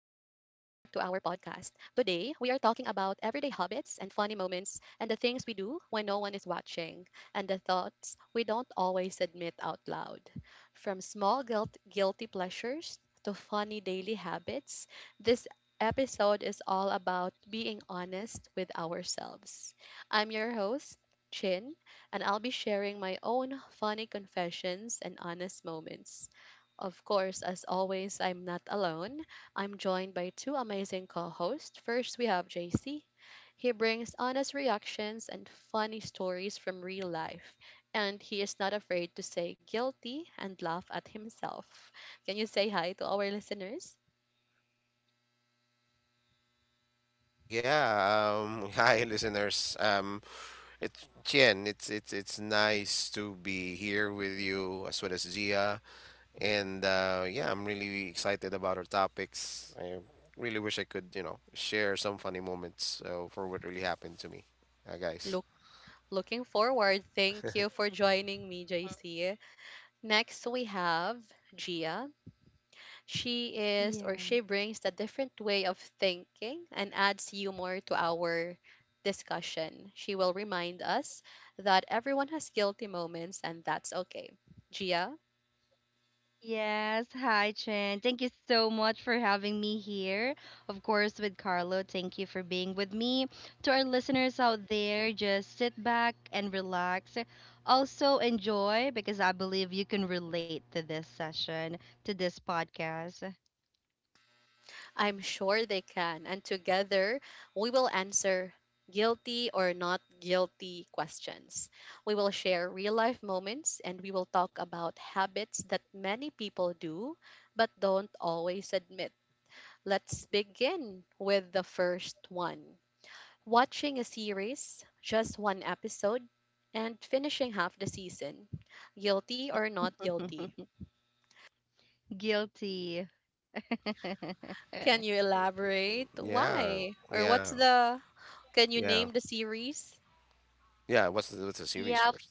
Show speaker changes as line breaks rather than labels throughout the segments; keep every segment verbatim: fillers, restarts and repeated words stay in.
we are talking about everyday habits and funny moments, and the things we do when no one is watching, and the thoughts we don't always admit out loud. From small guilt- guilty pleasures to funny daily habits, this episode is all about being honest with ourselves. I'm your host, Chin, and I'll be sharing my own funny confessions and honest moments. Of course, as always, I'm not alone. I'm joined by two amazing co hosts. First, we have J C. He brings honest reactions and funny stories from real life, and he is not afraid to say guilty and laugh at himself. Can you say hi to our listeners?
Yeah, um, hi listeners. Um, it's Chien. It's it's it's nice to be here with you as well as Gia. And uh, yeah, I'm really excited about our topics. I really wish I could, you know, share some funny moments uh, for what really happened to me, uh, guys.
Look, Looking forward. Thank you for joining me, J C. Next, we have Gia. She is or She brings a different way of thinking and adds humor to our discussion. She will remind us that everyone has guilty moments and that's okay. Gia,
Yes, hi Chen. Thank you so much for having me here. Of course, with Carlo, thank you for being with me. To our listeners out there, just sit back and relax. Also, enjoy because I believe you can relate to this session, to this podcast.
I'm sure they can. And together, we will answer guilty or not guilty questions. We will share real life moments, and we will talk about habits that many people do but don't always admit. Let's begin with the first one. Watching a series, just one episode, and finishing half the season. Guilty or not guilty?
Guilty.
Can you elaborate
Yeah,
why? Or what's
yeah,
the can you
yeah,
name the series?
yeah. What's the what's the series
Yeah,
first?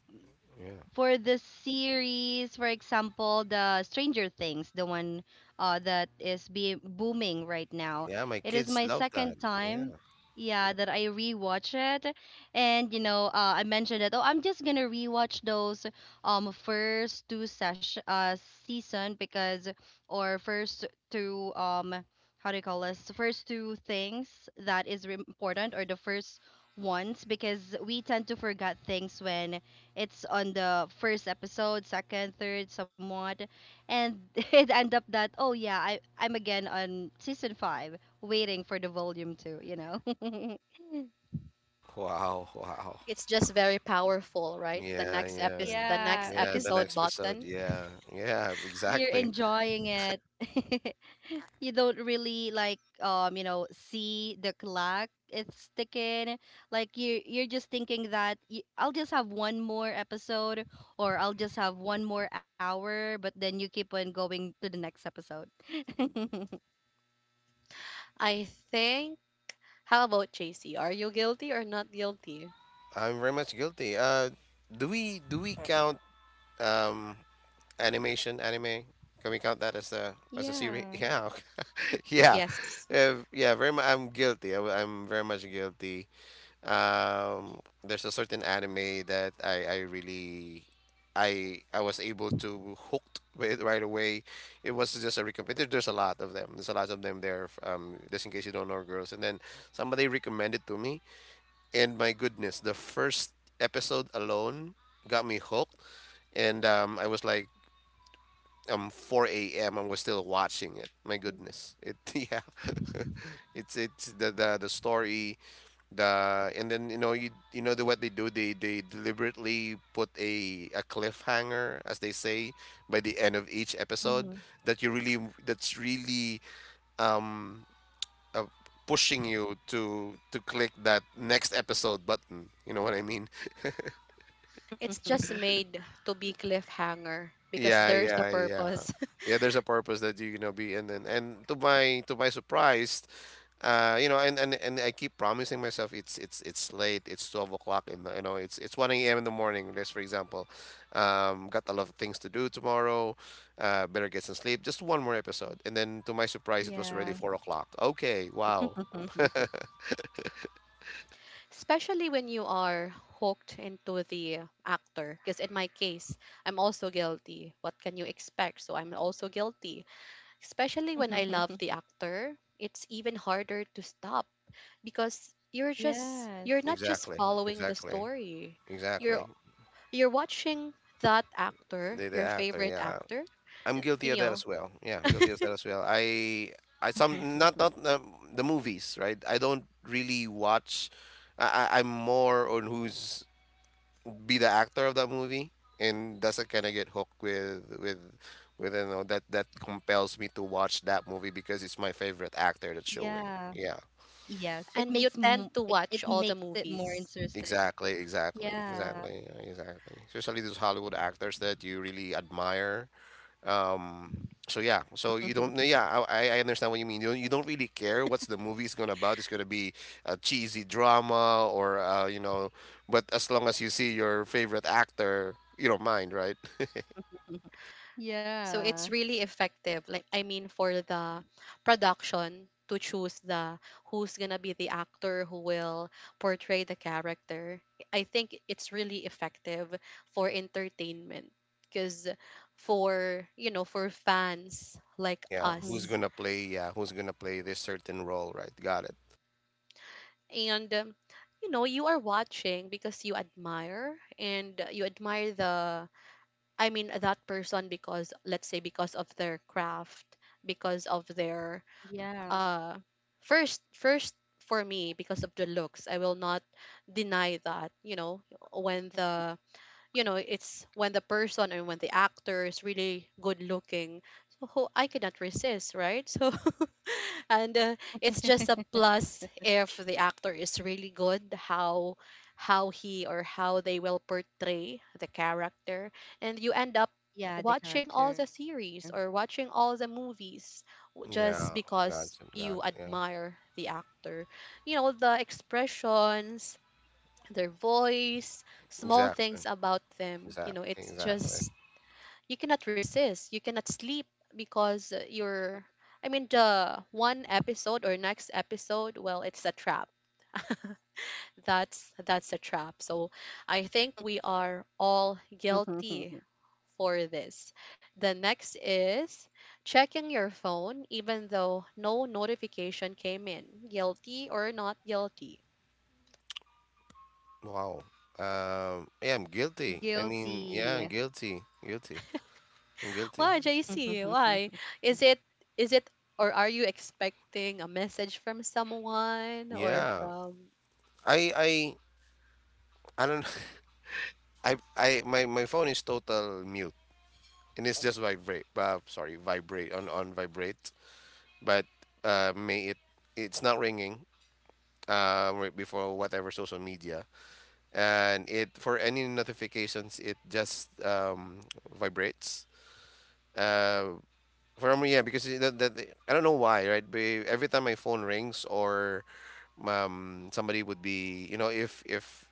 Yeah,
for the series, for example, the Stranger Things, the one uh, that is being booming right now.
yeah. My
It is
kids
my
love that.
second
Yeah.
time, yeah, that I rewatch it, and you know, uh, I mentioned that oh, I'm just gonna rewatch those um first two session uh season because or first two um how do you call this first two things that is re- important, or the first ones, because we tend to forget things when it's on the first episode, second, third, somewhat, and it end up that oh yeah, I I'm again on season five, waiting for the volume two, you know.
Wow, wow.
It's just very powerful, right? The
Yeah,
next
yeah,
episode the next
Yeah,
yeah. The
episode
next
because
episode.
button.
Yeah, yeah.
you're
Exactly.
enjoying it. You don't really like um, you know, see the clock it's ticking. Like you you're just thinking that y I'll just have one more episode or I'll just have one more hour, but then you keep on going to the next episode.
I think How about J C? Are you guilty or not guilty?
I'm very much guilty. Uh, do we do we count um animation anime? Can we count that as a as a series?
Yeah.
Yeah, okay, yeah,
Yes.
uh, yeah. Very much. I'm guilty. I, am very much guilty. Um, there's a certain anime that I, I really I I was able to hooked with right away. It was just a recommend. there- There's a lot of them. There's a lot of them there. F- Um, just in case you don't know, girls. And then somebody recommended to me, and my goodness, the first episode alone got me hooked. And um, I was like, um, four a m and was still watching it. My goodness, it yeah, it's it's the the the story the and then you know you you know the, what they do, they they deliberately put a a cliffhanger as they say by the end of each episode
Mhm.
that you really, that's really, um uh, pushing you to to click that next episode button. You know what I mean?
It's just made to be cliffhanger because
Yeah,
there's a
yeah, yeah.
purpose.
Yeah, there's a purpose that you gonna be. And then, and to my to my surprise, uh, you know, and, and and I keep promising myself, it's it's it's late, it's twelve o'clock in the, you know, it's it's one A M in the morning, let's for example. Um, got a lot of things to do tomorrow, uh, better get some sleep, just one more episode. And then to my surprise it was already four
Yeah.
o'clock. Okay, wow.
Especially when you are hooked into the actor, because in my case, I'm also guilty. What can you expect? So I'm also guilty, especially when I love the actor. It's even harder to stop because you're just you're not
Yes.
just
Exactly,
following the
exactly,
story, you're
exactly.
you're watching that actor,
The the
your
actor,
favorite
yeah.
actor,
I'm guilty
you
of that
know.
as well. Yeah, I'm guilty of that as well. I I some, not not um, the movies, right? I don't really watch. I I- I'm more on who's be the actor of that movie, and that's I kind of get hooked with with with you know that that compels me to watch that movie because it's my favorite actor that's showing.
Yeah.
Yeah.
Yes. It
And you
makes
tend
mo
to
it,
watch
it
all the
makes it more
movies.
interesting.
Exactly, exactly,
Yeah.
exactly, yeah, exactly. Especially those Hollywood actors that you really admire. Um, so yeah, so you don't, no, yeah, I, I I understand what you mean. You don't, you don't really care what's the movie is gonna about. It's gonna be a cheesy drama or uh, you know, but as long as you see your favorite actor, you don't mind, right?
So it's
Yeah.
really effective. Like I mean, for the production to choose the who's going to be the actor who will portray the character. I think it's really effective for entertainment because, for, you know, for fans like
Yeah, who's
us.
gonna
Mhm.
play? Yeah, who's gonna play this certain role, right? Got it.
And um, you know, you are watching because you admire, and you admire the, I mean, that person because, let's say, because of their craft, because of their
Yeah.
uh first first for me because of the looks. I will not deny that, you know, when the, you know, it's when the person and when the actor is really good looking. So ho- I cannot resist, right? So and uh, it's just a plus if the actor is really good, how how he or how they will portray the character, and you end up
Yeah, the character.
watching all the series or watching all the movies, w- just
Yeah, got it.
because
Got
you
it. Yeah,
admire the actor. You know, the expressions, their voice, small
exactly.
things about them. You
Exactly.
know, it's
Exactly.
just you cannot resist, you cannot sleep because uh, you're I mean the one episode or next episode, well, it's a trap. That's that's a trap. So I think we are all guilty for this. The next is checking your phone even though no notification came in. Guilty or not guilty?
Wow. Um,
Guilty.
yeah, I'm guilty. I mean, yeah, guilty, guilty. I'm guilty.
Why, J C? Why? Is it is it or are you expecting a message from someone or
Yeah,
from
I, I, I don't. I I my my phone is total mute and it's just vibrate. Uh, sorry, vibrate on on vibrate. But uh, may it it's not ringing. Uh, right before whatever social media and it for any notifications it just um vibrates. Uh, for me yeah because it- that, that I don't know why, right? But every time my phone rings or um somebody would be, you know, if if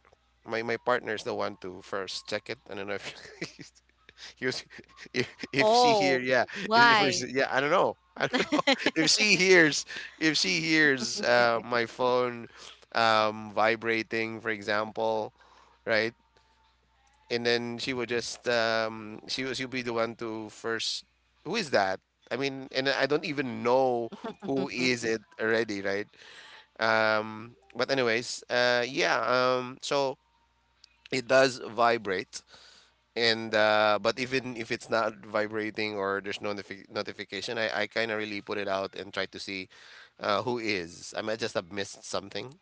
my my partner is the one to first check it. I don't know if he was, if, if she hear,
Oh,
yeah, if we s-
why?
yeah, I don't know, I don't know. If she hears, if she hears uh, my phone um, vibrating, for example, right, and then she would just um, she was she'll be the one to first. Who is that? I mean, and I don't even know who is it already, right? Um, but anyways, uh, yeah. Um, so it does vibrate and uh, but even if it's not vibrating or there's no notifi- notification, I, I kind of really put it out and try to see uh, who is. I might just have missed something.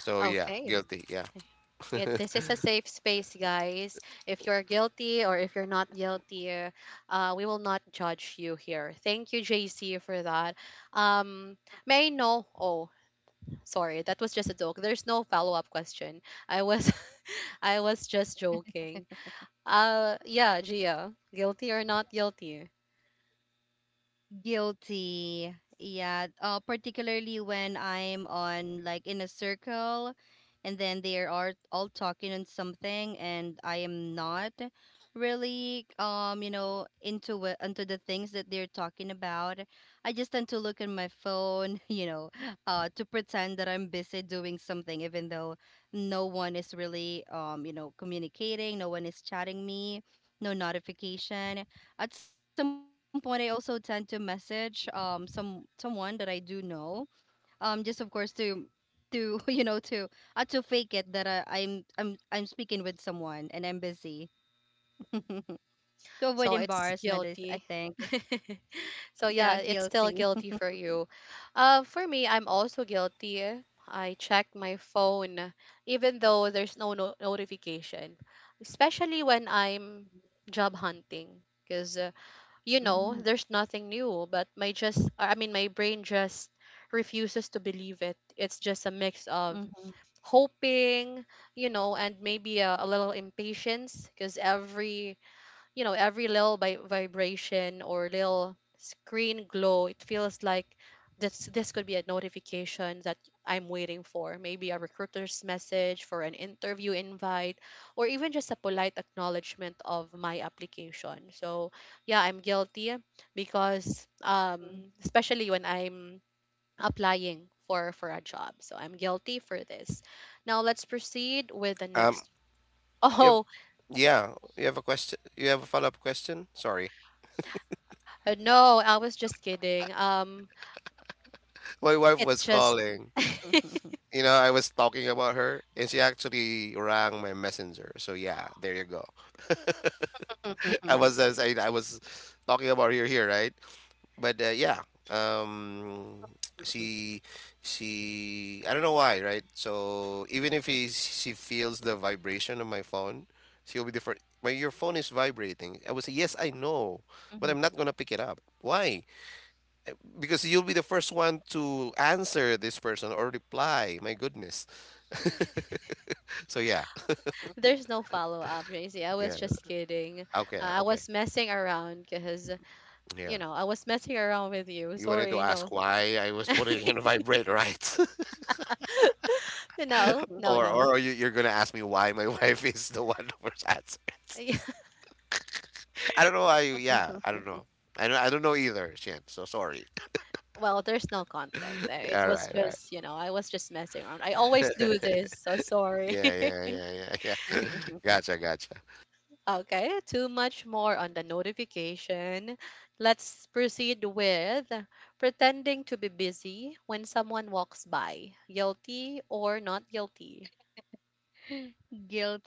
So yeah,
Okay.
guilty. Yeah.
It, this is a safe space, guys. If you're guilty or if you're not guilty, uh, uh, we will not judge you here. Thank you, J C, for that. Um, may I know? Oh, sorry, that was just a joke. There's no follow up question. I was, I was just joking. Uh, yeah, Gia, guilty or not guilty?
Guilty. Yeah. Uh, particularly when I'm on like in a circle and then they are all talking on something and I am not really um you know into it, into the things that they're talking about. I just tend to look at my phone, you know, uh, to pretend that I'm busy doing something, even though no one is really um you know communicating, no one is chatting me, no notification. At some point I also tend to message um some someone that I do know, um just of course to to you know to uh, to fake it that I, I'm I'm I'm speaking with someone and I'm busy to avoid
So it's
embarrassment, is I
guilty.
think.
So yeah,
Yeah,
it's still
guilty.
guilty for you. Uh, for me, I'm also guilty. I check my phone even though there's no, no- notification, especially when I'm job hunting. Because uh, you know, there's
Mhm.
nothing new, but my just, I mean, my brain just refuses to believe it. It's just a mix of hoping, you know, and maybe a, a little impatience, because every, you know, every little vi- vibration or little screen glow, it feels like this this could be a notification that I'm waiting for, maybe a recruiter's message for an interview invite, or even just a polite acknowledgement of my application. So, yeah, I'm guilty, because um, especially when I'm applying for for a job, so I'm guilty for this. Now let's proceed with the
Um.
next.
Yep.
Oh,
Yeah. You have a question. You have a follow up question. Sorry,
uh, no, I was just kidding. Um
my wife
it's
was
just
calling. You know, I was talking about her, and she actually rang my messenger. So yeah, there you go. I was, as I, I was talking about her here, right? but uh, yeah um she she, I don't know why, right? So even if he she feels the vibration of my phone, she'll be different, my your phone is vibrating. I would say, yes, I know, but I'm not gonna pick it up. Why? Because you'll be the first one to answer this person or reply. My goodness. So yeah,
there's no follow-up, Tracy. I was
yeah,
just kidding. uh,
okay,
I
okay,
was messing around, because,
yeah.
you know, I was messing around with you.
You wanted to
Sorry.
ask
No.
why I was putting in a vibrate, right?
No, no,
Or
no.
or you you're gonna ask me why my wife is the one who's answering? I don't know why you, yeah, I don't know. I don't I don't know either, Shen. So sorry.
Well, there's no context. Uh, it
All
was
right, all
just, you know, I was just messing around, I always
right.
do this, so sorry.
Yeah, yeah, yeah, yeah, yeah. Gotcha, gotcha.
Okay, too much more on the notification. Let's proceed with pretending to be busy when someone walks by. Guilty or not guilty?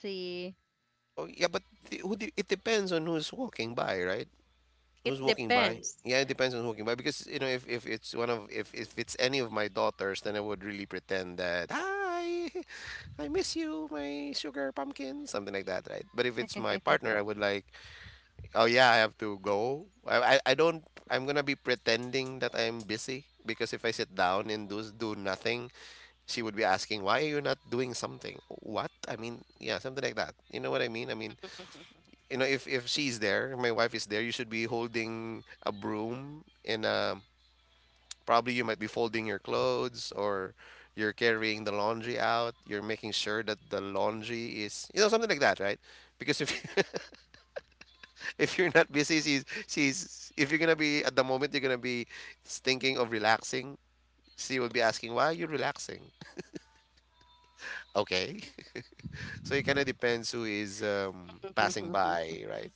Guilty.
Oh yeah, but the, who do, it depends on who's walking by, right?
It
Who's walking by?
depends.
Yeah, it depends on who's walking by, because you know, if, if it's one of, if if it's any of my daughters, then I would really pretend that, hi, I miss you, my sugar pumpkin, something like that, right? But if it's my partner, I would like, oh yeah, I have to go. I, I, I don't, I'm gonna be pretending that I'm busy, because if I sit down and do do nothing, she would be asking, why are you not doing something? What? I mean, yeah, something like that. You know what I mean? I mean, you know, if, if she's there, my wife is there, you should be holding a broom and um probably you might be folding your clothes, or you're carrying the laundry out, you're making sure that the laundry is, you know, something like that, right? Because if if you're not busy, she's she's, if you're gonna be at the moment, you're gonna be thinking of relaxing, she will be asking, why are you relaxing? Okay. So it kind of depends who is um passing by, right?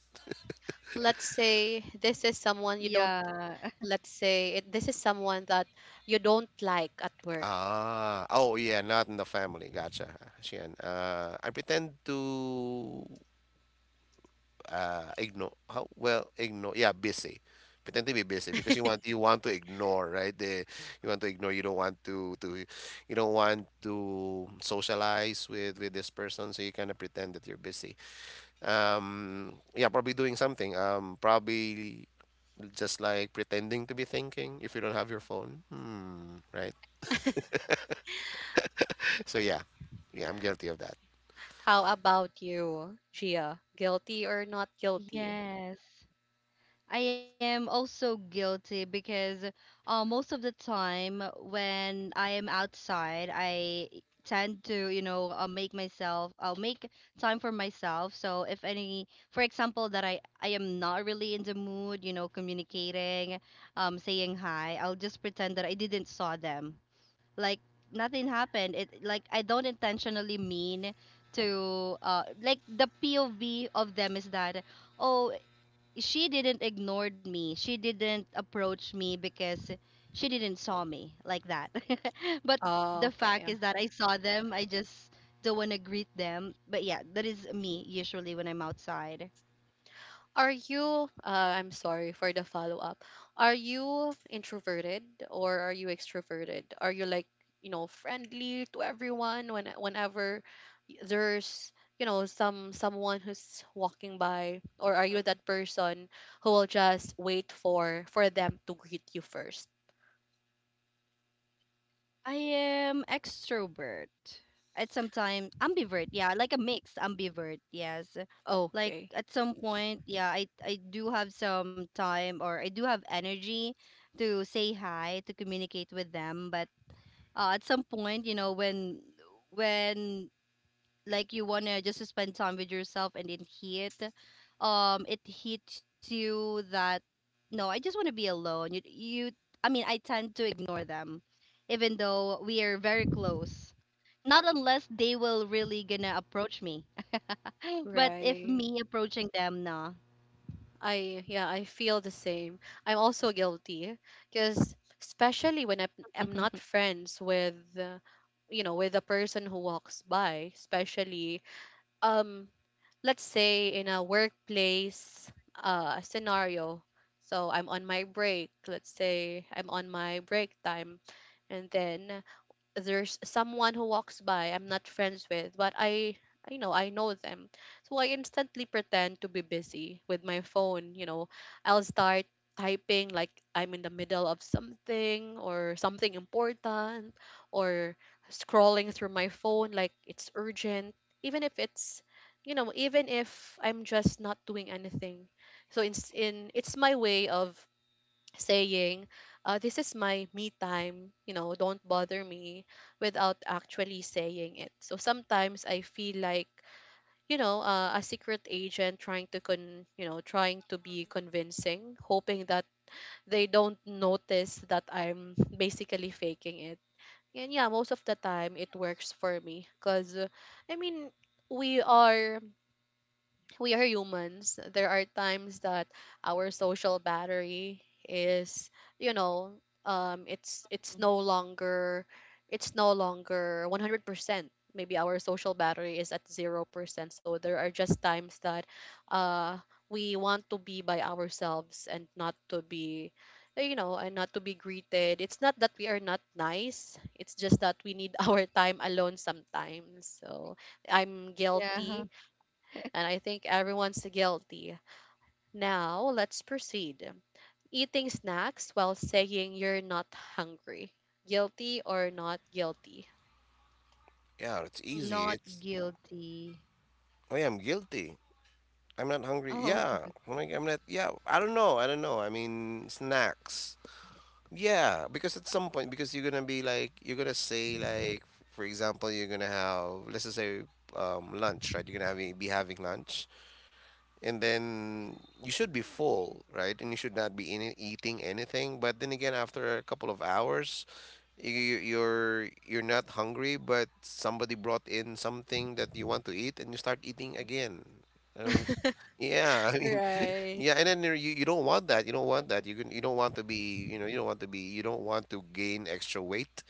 Let's say this is someone you don't,
Yeah.
let's say it, this is someone that you don't like at work.
Ah, oh yeah, not in the family, gotcha. She, and uh I pretend to uh ignore, how well ignore, yeah, busy, pretend to be busy because you want, you want to ignore, right, the, you want to ignore, you don't want to to you don't want to socialize with with this person, so you kind of pretend that you're busy, um yeah, probably doing something, um probably just like pretending to be thinking if you don't have your phone, hmm, right? So yeah, yeah, I'm guilty of that.
How about you, Gia? Guilty or not guilty?
Yes, I am also guilty because uh, most of the time when I am outside, I tend to, you know, uh, make myself, uh, make time for myself. So if any, for example, that I, I am not really in the mood, you know, communicating, um, saying hi, I'll just pretend that I didn't saw them. Like nothing happened. It like I don't intentionally mean to, uh, like the P O V of them is that oh, she didn't ignore me. She didn't approach me because she didn't saw me, like that. But
Oh,
the
okay,
fact is that
okay.
I saw them. I just don't want to greet them. But yeah, that is me usually when I'm outside.
Are you, uh, I'm sorry for the follow up. Are you introverted or are you extroverted? Are you like, you know, friendly to everyone when whenever y- there's, you know, some someone who's walking by, or are you that person who will just wait for for them to greet you first?
I am extrovert. At some time, ambivert. Yeah, like a mix ambivert. Yes. Like
Okay.
at some point, yeah, I I do have some time, or I do have energy to say hi, to communicate with them, but uh, at some point, you know, when when like you want to just spend time with yourself and it hit um it hits you that no, I just want to be alone. you you I mean, I tend to ignore them, even though we are very close, not unless they will really gonna approach me. But if
Right.
me approaching them, nah.
I, yeah, I feel the same. I'm also guilty because, especially when I'm, I'm not friends with uh, you know, with a person who walks by, especially um let's say in a workplace uh scenario. So I'm on my break, let's say I'm on my break time, and then there's someone who walks by I'm not friends with, but I I know, I know them. So I instantly pretend to be busy with my phone, you know. I'll start typing like I'm in the middle of something or something important, or scrolling through my phone like it's urgent, even if it's, you know, even if I'm just not doing anything. So it's in it's my way of saying, uh, this is my me time, you know, don't bother me, without actually saying it. So sometimes I feel like, you know, uh, a secret agent trying to con, you know, trying to be convincing, hoping that they don't notice that I'm basically faking it. And yeah, most of the time it works for me because, I mean, we are we are humans. There are times that our social battery is, you know, um, it's it's no longer it's no longer one hundred percent. Maybe our social battery is at zero percent. So there are just times that uh, we want to be by ourselves and not to be eh, you know, and not to be greeted. It's not that we are not nice, it's just that we need our time alone sometimes. So I'm guilty,
Yeah,
and I think everyone's guilty. Now, let's proceed. Eating snacks while saying you're not hungry. Guilty or not guilty?
Yeah, it's easy.
not
It's,
guilty.
I am guilty. I'm not hungry.
Oh.
Yeah. I'm like, I'm not. Yeah. I don't know. I don't know. I mean, snacks. Yeah. Because at some point, because you're gonna be like, you're gonna say like, for example, you're gonna have, let's just say, um, lunch, right? You're gonna have, be having lunch and then you should be full, right? And you should not be in, eating anything. But then again, after a couple of hours, you, you're you're not hungry, but somebody brought in something that you want to eat, and you start eating again. Um, s- yeah, I mean,
Right.
yeah, and then you're- you you don't want that. You don't want that. You can you don't want to be, you know, you don't want to be, you don't want to gain extra weight.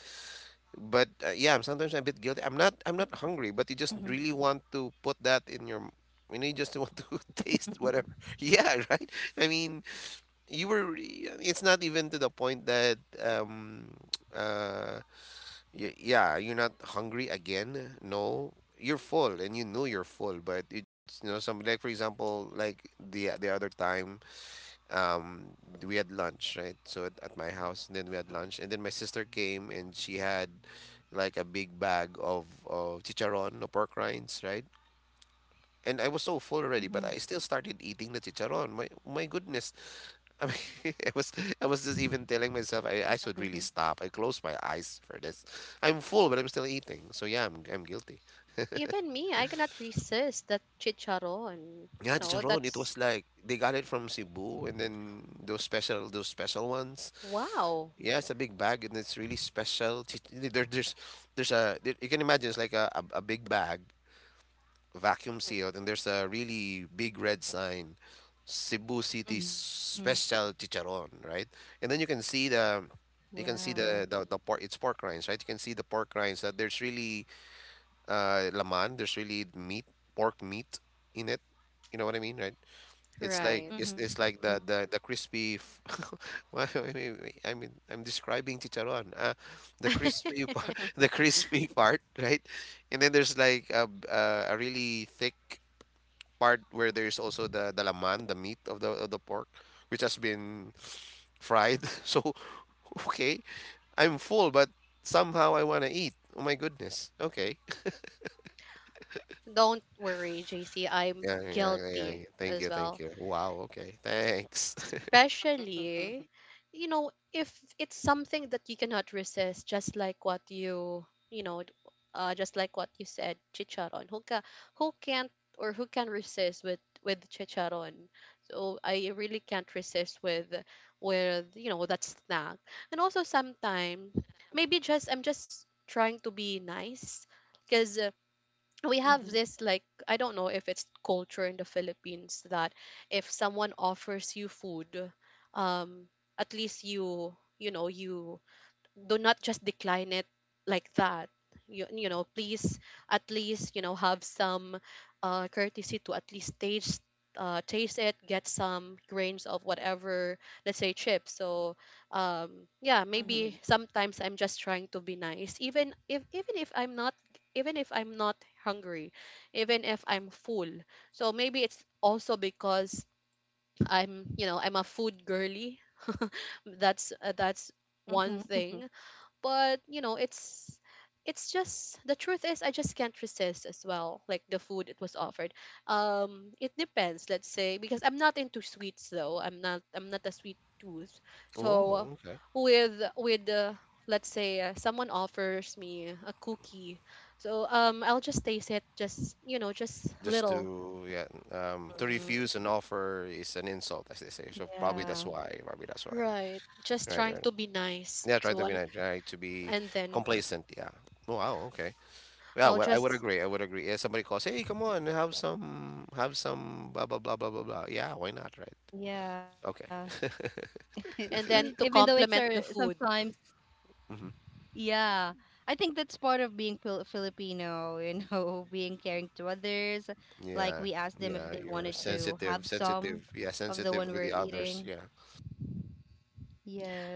But uh, yeah, I'm sometimes a bit guilty.
Hmm.
I'm not I'm not hungry, but you just really want to put that in your m- you know, you just want to taste whatever. Yeah, right? I mean, you were re- it's not even to the point that um uh y yeah, you're not hungry again. No. You're full and you know you're full, but it's, you know, some, like for example, like the the other time um we had lunch, right? So at, at my house, and then we had lunch and then my sister came and she had like a big bag of of chicharon, or pork rinds, right? And I
Hmm.
was so full already but I still started eating the chicharon. my my goodness. I mean, I was I was just even telling myself, I, I should really stop. I closed my eyes for this. I'm full but I'm still eating, so yeah, I'm I'm guilty.
Even me, I cannot resist that chicharon.
Yeah,
No,
chicharon, it
that's
was like they got it from Cebu, and then those special, those special ones.
wow.
Yeah, it's a big bag and it's really special. Ch- There, there's, there's a there, you can imagine it's like a, a, a big bag, vacuum
Hmm.
sealed, and there's a really big red sign, Cebu City Special Chicharon, right? And then you can see the, you can
Wow.
see the the, the pork. It's pork rinds, right? You can see the pork rinds that there's really uh laman. There's really meat, pork meat in it. You know what I mean, right? It's like
Right.
it's
Mhm.
it's like the the the crispy. F well, I mean, I mean, I'm describing chicharron. Uh, the crispy part, the
Mhm.
crispy part, right? And then there's like a b- uh, a really thick part where there's also the the laman, the meat of the of the pork, which has been fried. So, okay, I'm full, but somehow I want to eat. Oh my goodness. Okay.
Don't worry, J C. I'm
Yeah, yeah, yeah.
guilty
yeah. Thank
as
you, thank
well.
you. Wow. Okay. Thanks.
Especially, you know, if it's something that you cannot resist, just like what you, you know, uh, just like what you said, chicharon. Who, ca- who can't, or who can resist with with chicharon? So I really can't resist with with you know, that snack. And also, sometimes maybe just I'm just trying to be nice, because
Mhm.
we have this, like, I don't know if it's culture in the Philippines, that if someone offers you food, um, at least you, you know, you do not just decline it like that. you, you know, please, at least, you know, have some uh, courtesy to at least taste, uh, taste it, get some grains of whatever, let's say chips. So um, yeah,
Mhm.
maybe sometimes I'm just trying to be nice, even if even if I'm not, even if i'm not hungry, even if I'm full. So maybe it's also because I'm, you know, I'm a food girly. That's uh, that's
Mhm.
one thing. But you know, it's it's just the truth is, I just can't resist as well. Like the food, it was offered. Um, it depends, let's say, because I'm not into sweets, though. I'm not i'm not a sweet tooth.
Oh,
So
okay.
with with uh, let's say, uh, someone offers me a cookie. So um, I'll just taste it, just, you know, just
Just
little,
to, yeah, um, to refuse an
Mm.
offer is an insult, as they say. So probably that's
Yeah.
why. Probably that's why.
right? Just
Right,
trying
right.
to be nice.
Yeah, try
So
to be
and,
nice. Try to be
and then
complacent. Yeah. Oh wow. Okay. Yeah.
i'll
Well, I would
just
agree. I would agree. Yeah. Somebody calls. Hey, come on. Have some. Have some. Blah blah blah blah blah blah. Yeah. Why not? Right.
Yeah.
Okay.
and
Even
then
though
to
it's our
complement the
sometimes,
food.
Mm-hmm.
yeah, I think that's part of being Fil- Filipino, you know, being caring to others. Like
Yeah.
we asked them if
Yeah.
they
You're
wanted to have
sensitive.
some
Sensitive. Yeah.
of the
Sensitive
one
with
we're
the others.
eating.
Yeah.
Yes.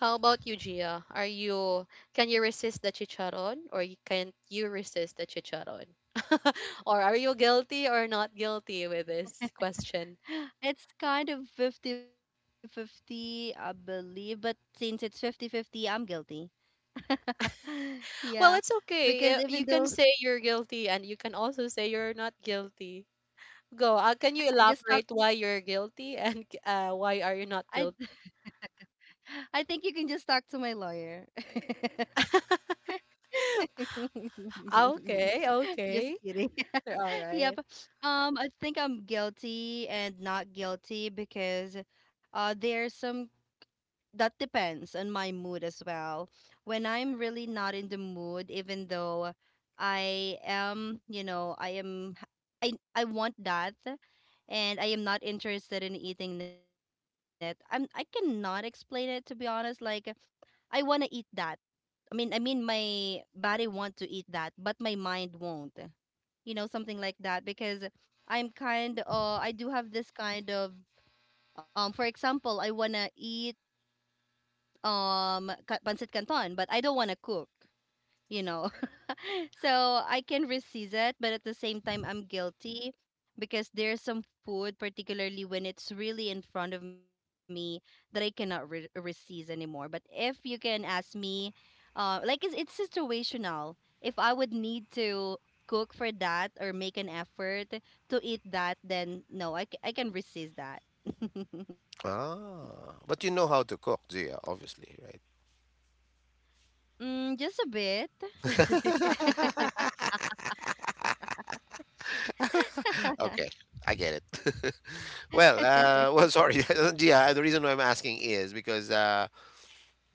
How about you, Gia? Are you, can you resist the chicharon, or you can't you resist the chicharon? Or are you guilty or not guilty with this question?
It's kind of fifty-fifty, I believe, but since it's fifty fifty I'm guilty. Yeah,
Well, it's
because
okay.
even
eh,
though
You can say you're guilty, and you can also say you're not guilty. Go. Uh, can you
I just talk,
elaborate why you're guilty and uh, why are you not
I
guilty?
I think you can just talk to my lawyer.
Okay,
Just
okay.
kidding.
All
Yep.
right.
Um, I think I'm guilty and not guilty because uh, there are some that depends on my mood as well. When I'm really not in the mood, even though I am, you know, I am, I I want that, and I am not interested in eating it. I'm I cannot explain it, to be honest. Like I want to eat that. I mean, I mean, my body want to eat that, but my mind won't. You know, something like that because I'm kind. Uh, I do have this kind of. Um, for example, I wanna eat um ka- pancit canton, but I don't want to cook, you know. So I can resist it, but at the same time I'm guilty because there's some food, particularly when it's really in front of me, that I cannot re- resist anymore. But if you can ask me, uh, like it's it's situational. If I would need to cook for that or make an effort to eat that, then no, I, c- I can resist that.
Ah, but you know how to cook, Gia, obviously, right?
Mm, just a bit.
Okay, I get it. Well, uh, well, sorry. yeah, the reason why I'm asking is because uh,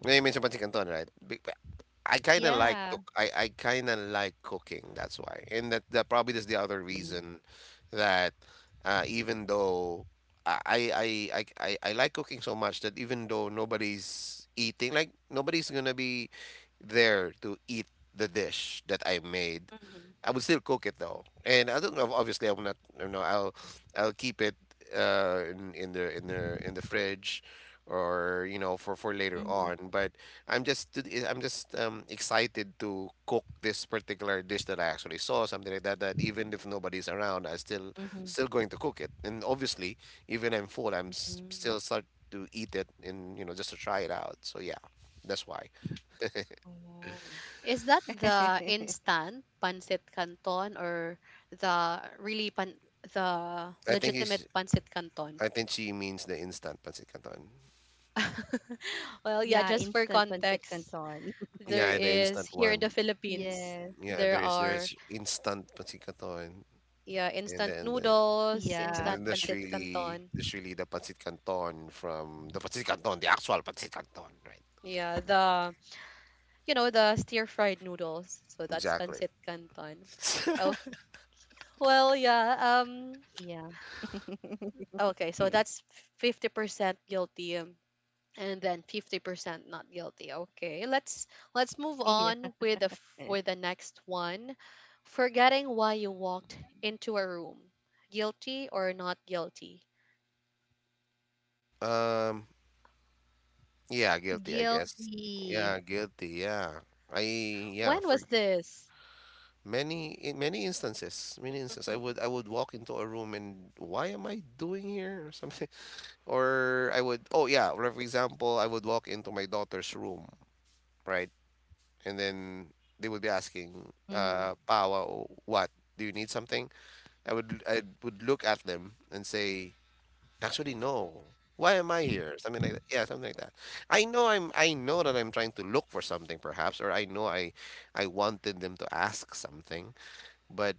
you mentioned Pansit Canton, right? Be- I kind of like to
Yeah.
I, I kind of like cooking. That's why, and that, that probably is the other
Mhm.
reason that uh, even though I, I I I I I like cooking so much that even though nobody's eating, like nobody's gonna be there to eat the dish that I made, I would still cook it though. And I don't know. Obviously, I'm not. You know, I'll I'll keep it uh in, in the in the in the fridge, or you know for
Mhm.
for later on, but I'm just to- I'm just um, excited to cook this particular dish that I actually saw, something like that. That even if nobody's around, I
Mhm.
still still going to cook it. And obviously, even I'm full, I'm
Mhm.
s- still start to eat it and you know just to try it out. So yeah, that's why.
Oh.
Is that the instant pancit canton or the really pan the
I think
legitimate
he's.
pancit canton?
I think she means the instant pancit canton.
Yeah, instant
Well, yeah,
pancit
just for
canton.
context, there
Yeah, the
is
instant
here in the
one.
Yes.
Philippines,
Yeah,
there
there is there is
are
instant pancit canton,
yeah,
and
instant
then the
Yeah.
noodles,
And then
instant
there's
pancit
really
canton.
there's really the pancit canton from the pancit canton, the actual pancit canton, right?
Yeah, the
Yes.
you know, the stir-fried noodles. So that's
Exactly.
pancit canton. Oh,
Yeah.
well, yeah, um okay, so that's fifty percent guilty. Um, and then fifty percent not guilty, okay, let's let's
Yeah.
move on with the f- with the next one. Forgetting why you walked into a room, guilty or not guilty?
Um,
Guilty.
yeah, guilty, I guess. Yeah, guilty. Yeah, I yeah
When was
for
this?
many in many instances, many instances, I would I would walk into a room and why am I doing here or something? Or I would oh yeah, or for example, I would walk into my daughter's room, right? And then they would be asking,
Mhm.
uh, Pawa, what? Do you need something? I would I would look at them and say, actually no. Why am I here? Something like that. Yeah, something like that. I know I'm I know that I'm trying to look for something perhaps, or I know I I wanted them to ask something. But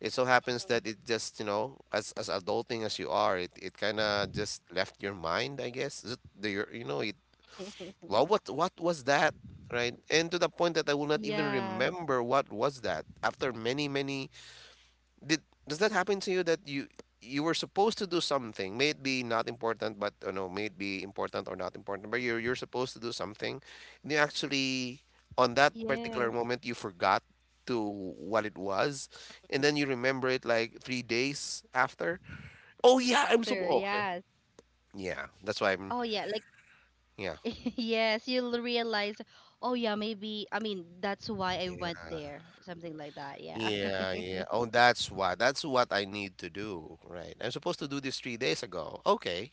it so happens that it just, you know, as as adulting as you are, it, it kinda just left your mind, I guess. Is it the your you know, it well what what was that? Right? And to the point that I will not even
Yeah.
remember what was that after many, many did does that happen to you that you you were supposed to do something, may it be not important, but you know, may it be important or not important, but you're you're supposed to do something, and you actually on that
Yes.
particular moment you forgot to what it was,
Mm.
and then you remember it like three days after. Oh yeah, I'm
After,
supposed. Okay.
yes.
Yeah, that's why I'm.
Oh yeah, like
Yeah.
yes, you'll realize, oh yeah, maybe I mean that's why I
Yeah.
went there. Something like that, yeah.
Yeah, yeah. Oh, that's why. That's what I need to do, right? I'm supposed to do this three days ago. Okay.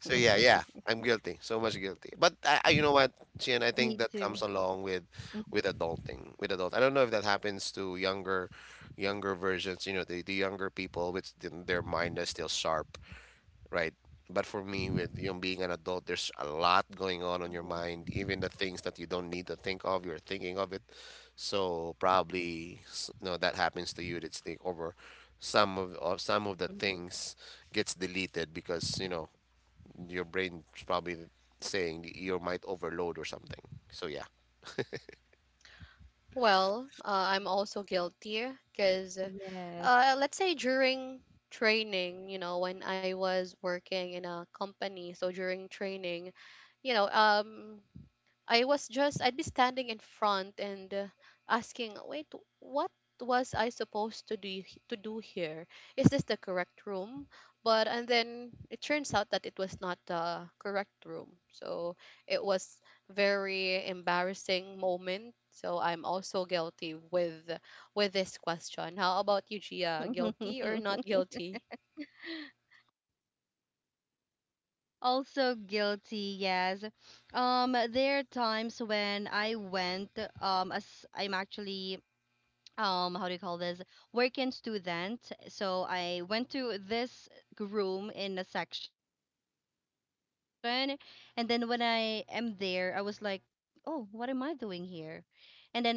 So yeah, yeah, I'm guilty, so much guilty. But I, I, you know what, Chien, I think that
Me
comes
too.
along with with
Mhm.
adulting, with adult. I don't know if that happens to younger younger versions, you know, the, the younger people which th- their mind is still sharp, right? But for me, with you know being an adult, there's a lot going on on your mind. Even the things that you don't need to think of, you're thinking of it. So probably, s- you know, that happens to you. That's take over. Some of, of some of the things gets deleted because you know your brain's probably saying you might overload or something. So yeah.
Well, uh, I'm also guilty because
Yes.
uh, let's say during training, you know, when I was working in a company, so during training, you know, um I was just I'd be standing in front and uh, asking, "Wait, what was I supposed to do h- to do here? Is this the correct room?" But and then it turns out that it was not the correct room. So it was very embarrassing moment. So I'm also guilty with with this question. How about you, Gia? Guilty or not guilty?
Also guilty, yes. Um, there are times when I went, um, as I'm actually um how do you call this working student, so I went to this room in a section, and then when I am there I was like, oh, what am I doing here?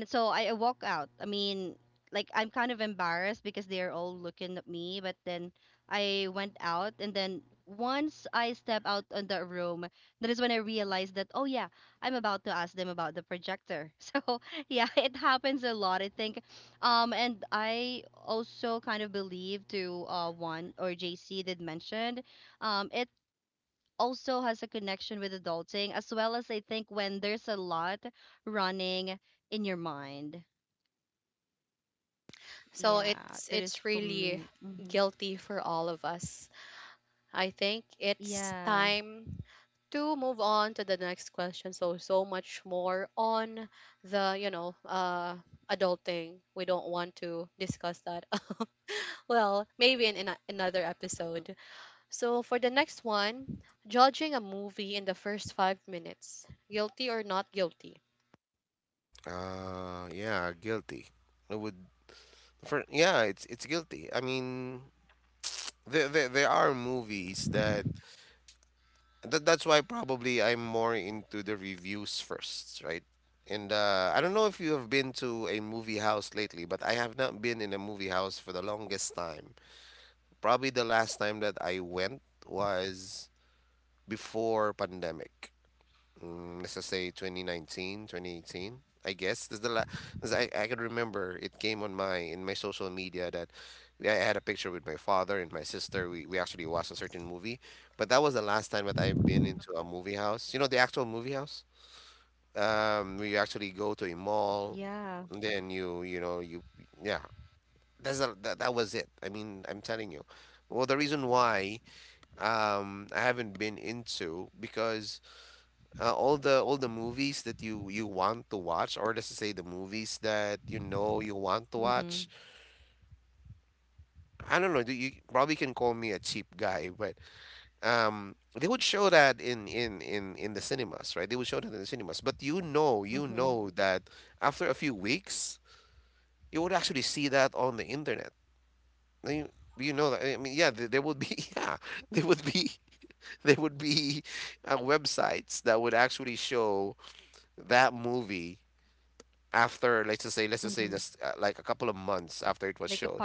And then so i I walk out, I mean, like I'm kind of embarrassed because they're all looking at me, but then I went out, and then once I step out on the room, that is when I realized that oh yeah, I'm about to ask them about the projector. So yeah, it happens a lot. I think um, and I also kind of believe to uh one or J C did mention, um, it also has a connection with adulting as well. As I think when there's a lot running in your mind.
So it's it's really
Yeah,
guilty
that
for
is
all
for
of
me.
us.
Hmm.
I think it's time to move on
Yeah.
to the next question. So so much more on the you know uh adulting. We don't want to discuss that. Well, maybe in, in a- another
Mhm.
episode. So for the next one, judging a movie in the first five minutes, guilty or not guilty.
Uh yeah, guilty. I would for yeah, it's it's guilty. I mean there, there, there are movies that, that that's why probably I'm more into the reviews first, right? And uh, I don't know if you have been to a movie house lately, but I have not been in a movie house for the longest time. Probably the last time that I went was before pandemic. Mm, let's just say twenty nineteen, twenty eighteen. I guess this is the last. I I can remember it came on my in my social media that I had a picture with my father and my sister. We we actually watched a certain movie, but that was the last time that I've been into a movie house. You know, the actual movie house. Um, we actually go to a mall, and then you you
Yeah.
know you yeah. That's a, that that was it. I mean, I'm telling you. Well, the reason why um I haven't been into because uh, all the all the movies that you you want to watch, or let's just say the movies that you know you want to watch.
Mm-hmm.
I don't know. Do you probably can call me a cheap guy, but um, they would show that in in in in the cinemas, right? They would show that in the cinemas. But you know, you know that after a few
Mm-hmm.
weeks, you would actually see that on the internet. I mean, you know that I mean, yeah, there, there would be yeah, there would be there would be uh, websites that would actually show that movie after let's just say let's just say this uh, like a couple of
Mm-hmm.
months after it was showed.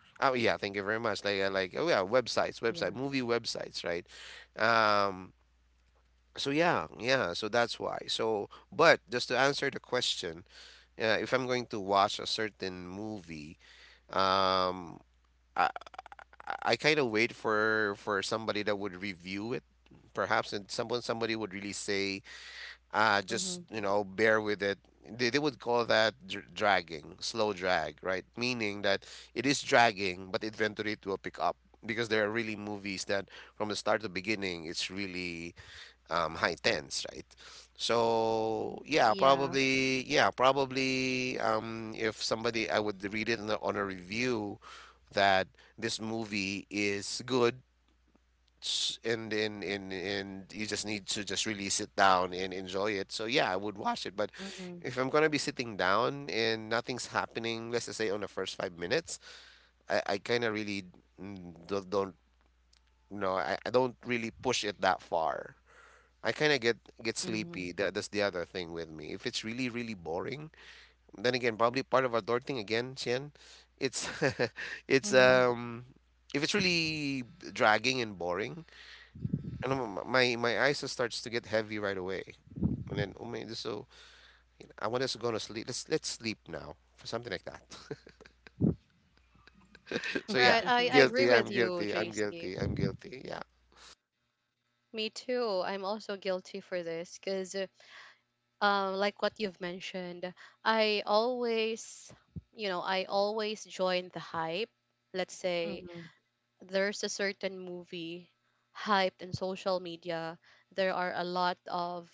Like a
Oh yeah, thank you very much.
pirated.
Like uh, like oh yeah, websites, website movie websites, right?
Yeah.
um so yeah, yeah, so that's why. So but just to answer the question, uh, if I'm going to watch a certain movie, um i i kind of wait for for somebody that would review it perhaps, and someone somebody would really say, uh just you know bear with it. they, they would
Mm-hmm.
call that dr- dragging, slow drag, right? Meaning that it is dragging but eventually it will pick up, because there are really movies that from the start to beginning it's really um high tense, right? So yeah, probably, yeah
Yeah.
probably, um if somebody, I would read it on a, on a review that this movie is good, s- and and and and you just need to just really sit down and enjoy it. So yeah, I would watch it. But if I'm gonna be sitting down
Mm-hmm.
and nothing's happening, let's just say on the first five minutes, I, I kind of really mm, don't, don't no, I, I don't really push it that far. I kind of get get sleepy. That, that's the other thing with me. If it's
Mm-hmm.
really really boring, then again probably part of our door thing again, Chien. It's it's um if it's really
Mm-hmm.
dragging and boring and m- my my eyes just starts to get heavy right away. And then, oh man, this so you know, I want us to go to sleep. Let's let's sleep now, for something like that. So
Right,
yeah,
I, I agree
guilty.
with
I'm
you,
guilty. I'm
J C.
guilty. I'm guilty. Yeah,
Me too. I'm also guilty for this because um, like what you've mentioned, I always, you know, I always join the hype. Let's say
Mm-hmm.
there's a certain movie hyped in social media. There are a lot of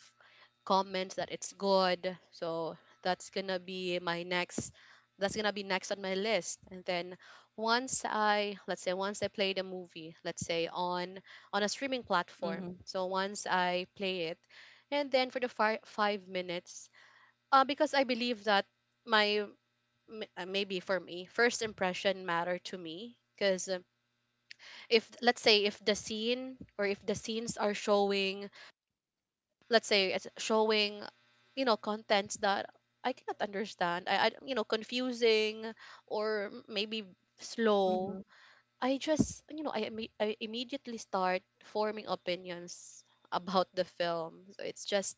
comments that it's good. So that's gonna be my next that's gonna be next on my list. And then once I let's say once I play the movie, let's say on on a streaming platform. So once I play it,
Mm-hmm.
and then for the fi- five minutes uh, because I believe that my m- uh, maybe for me, first impression matter to me. Because if let's say if the scene or if the scenes are showing, let's say it's showing, you know, contents that I cannot understand, I, I you know confusing or maybe slow. I
Mm-hmm.
just you know I, imme- I immediately start forming opinions about the film. So it's just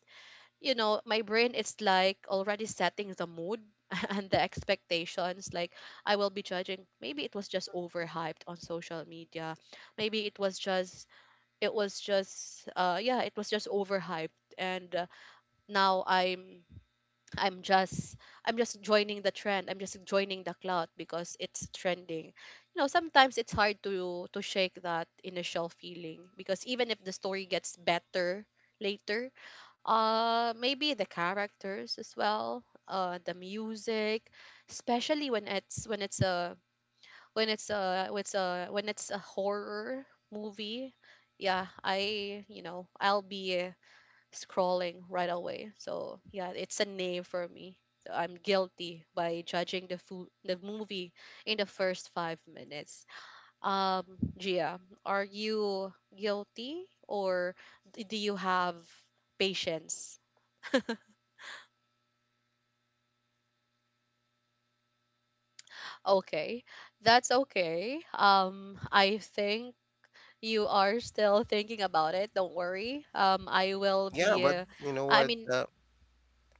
you know, my brain is like already setting the mood and the expectations. Like, I will be judging. Maybe it was just overhyped on social media. Maybe it was just, it was just, uh, yeah, it was just overhyped. And uh, now I'm I'm just I'm just joining the trend. I'm just joining the cloud because it's
Mm-hmm.
trending. You know, sometimes it's hard to to shake that initial feeling because even if the story gets better later, uh maybe the characters as well, uh the music, especially when it's when it's a when it's a when it's a when it's a horror movie. Yeah, I you know, I'll be scrolling right away. So yeah, it's a nay for me. So I'm guilty by judging the food, the movie in the first five minutes. Um, Gia, are you guilty or d- do you have patience? Okay, that's okay. Um, I think you are still thinking about it. Don't worry. Um, I will
yeah.
be.
But
Uh,
you know
I
what?
mean,
Uh,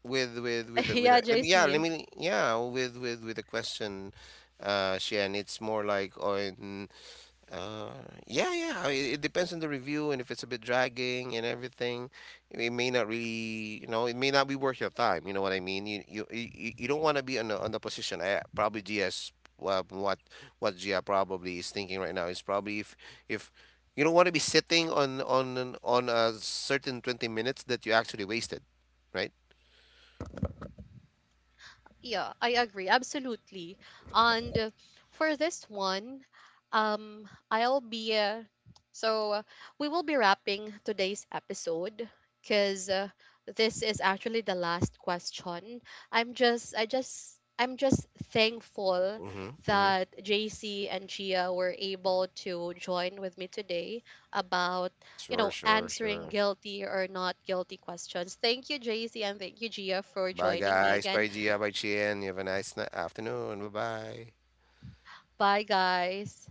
With with with the- with
yeah,
the- let me, yeah. Let
J C.
me yeah. With with with the question, uh, Shan. It's more like on. Uh, yeah, yeah. I mean, it depends on the review, and if it's a bit dragging and everything, it may not really, you know, it may not be worth your time. You know what I mean? You you you, you you don't want to be on the on the position. I probably G S. Well, what what Gia probably is thinking right now is probably if if you don't want to be sitting on on an- on a certain twenty minutes that you actually wasted, right?
Yeah, I agree absolutely. And uh, for this one, um, I'll be uh, so uh, we will be wrapping today's episode because uh, this is actually the last question. I'm just, I just. I'm just thankful
Mm-hmm. Mm-hmm.
that J C and Gia were able to join with me today about, you
Sure,
know,
sure,
answering
sure.
guilty or not guilty questions. Thank you, J C, and thank you, Gia, for
Bye,
joining me
guys.
again.
Bye, Gia. Bye, Chien. You have a nice ni- afternoon. Bye, bye.
Bye, guys.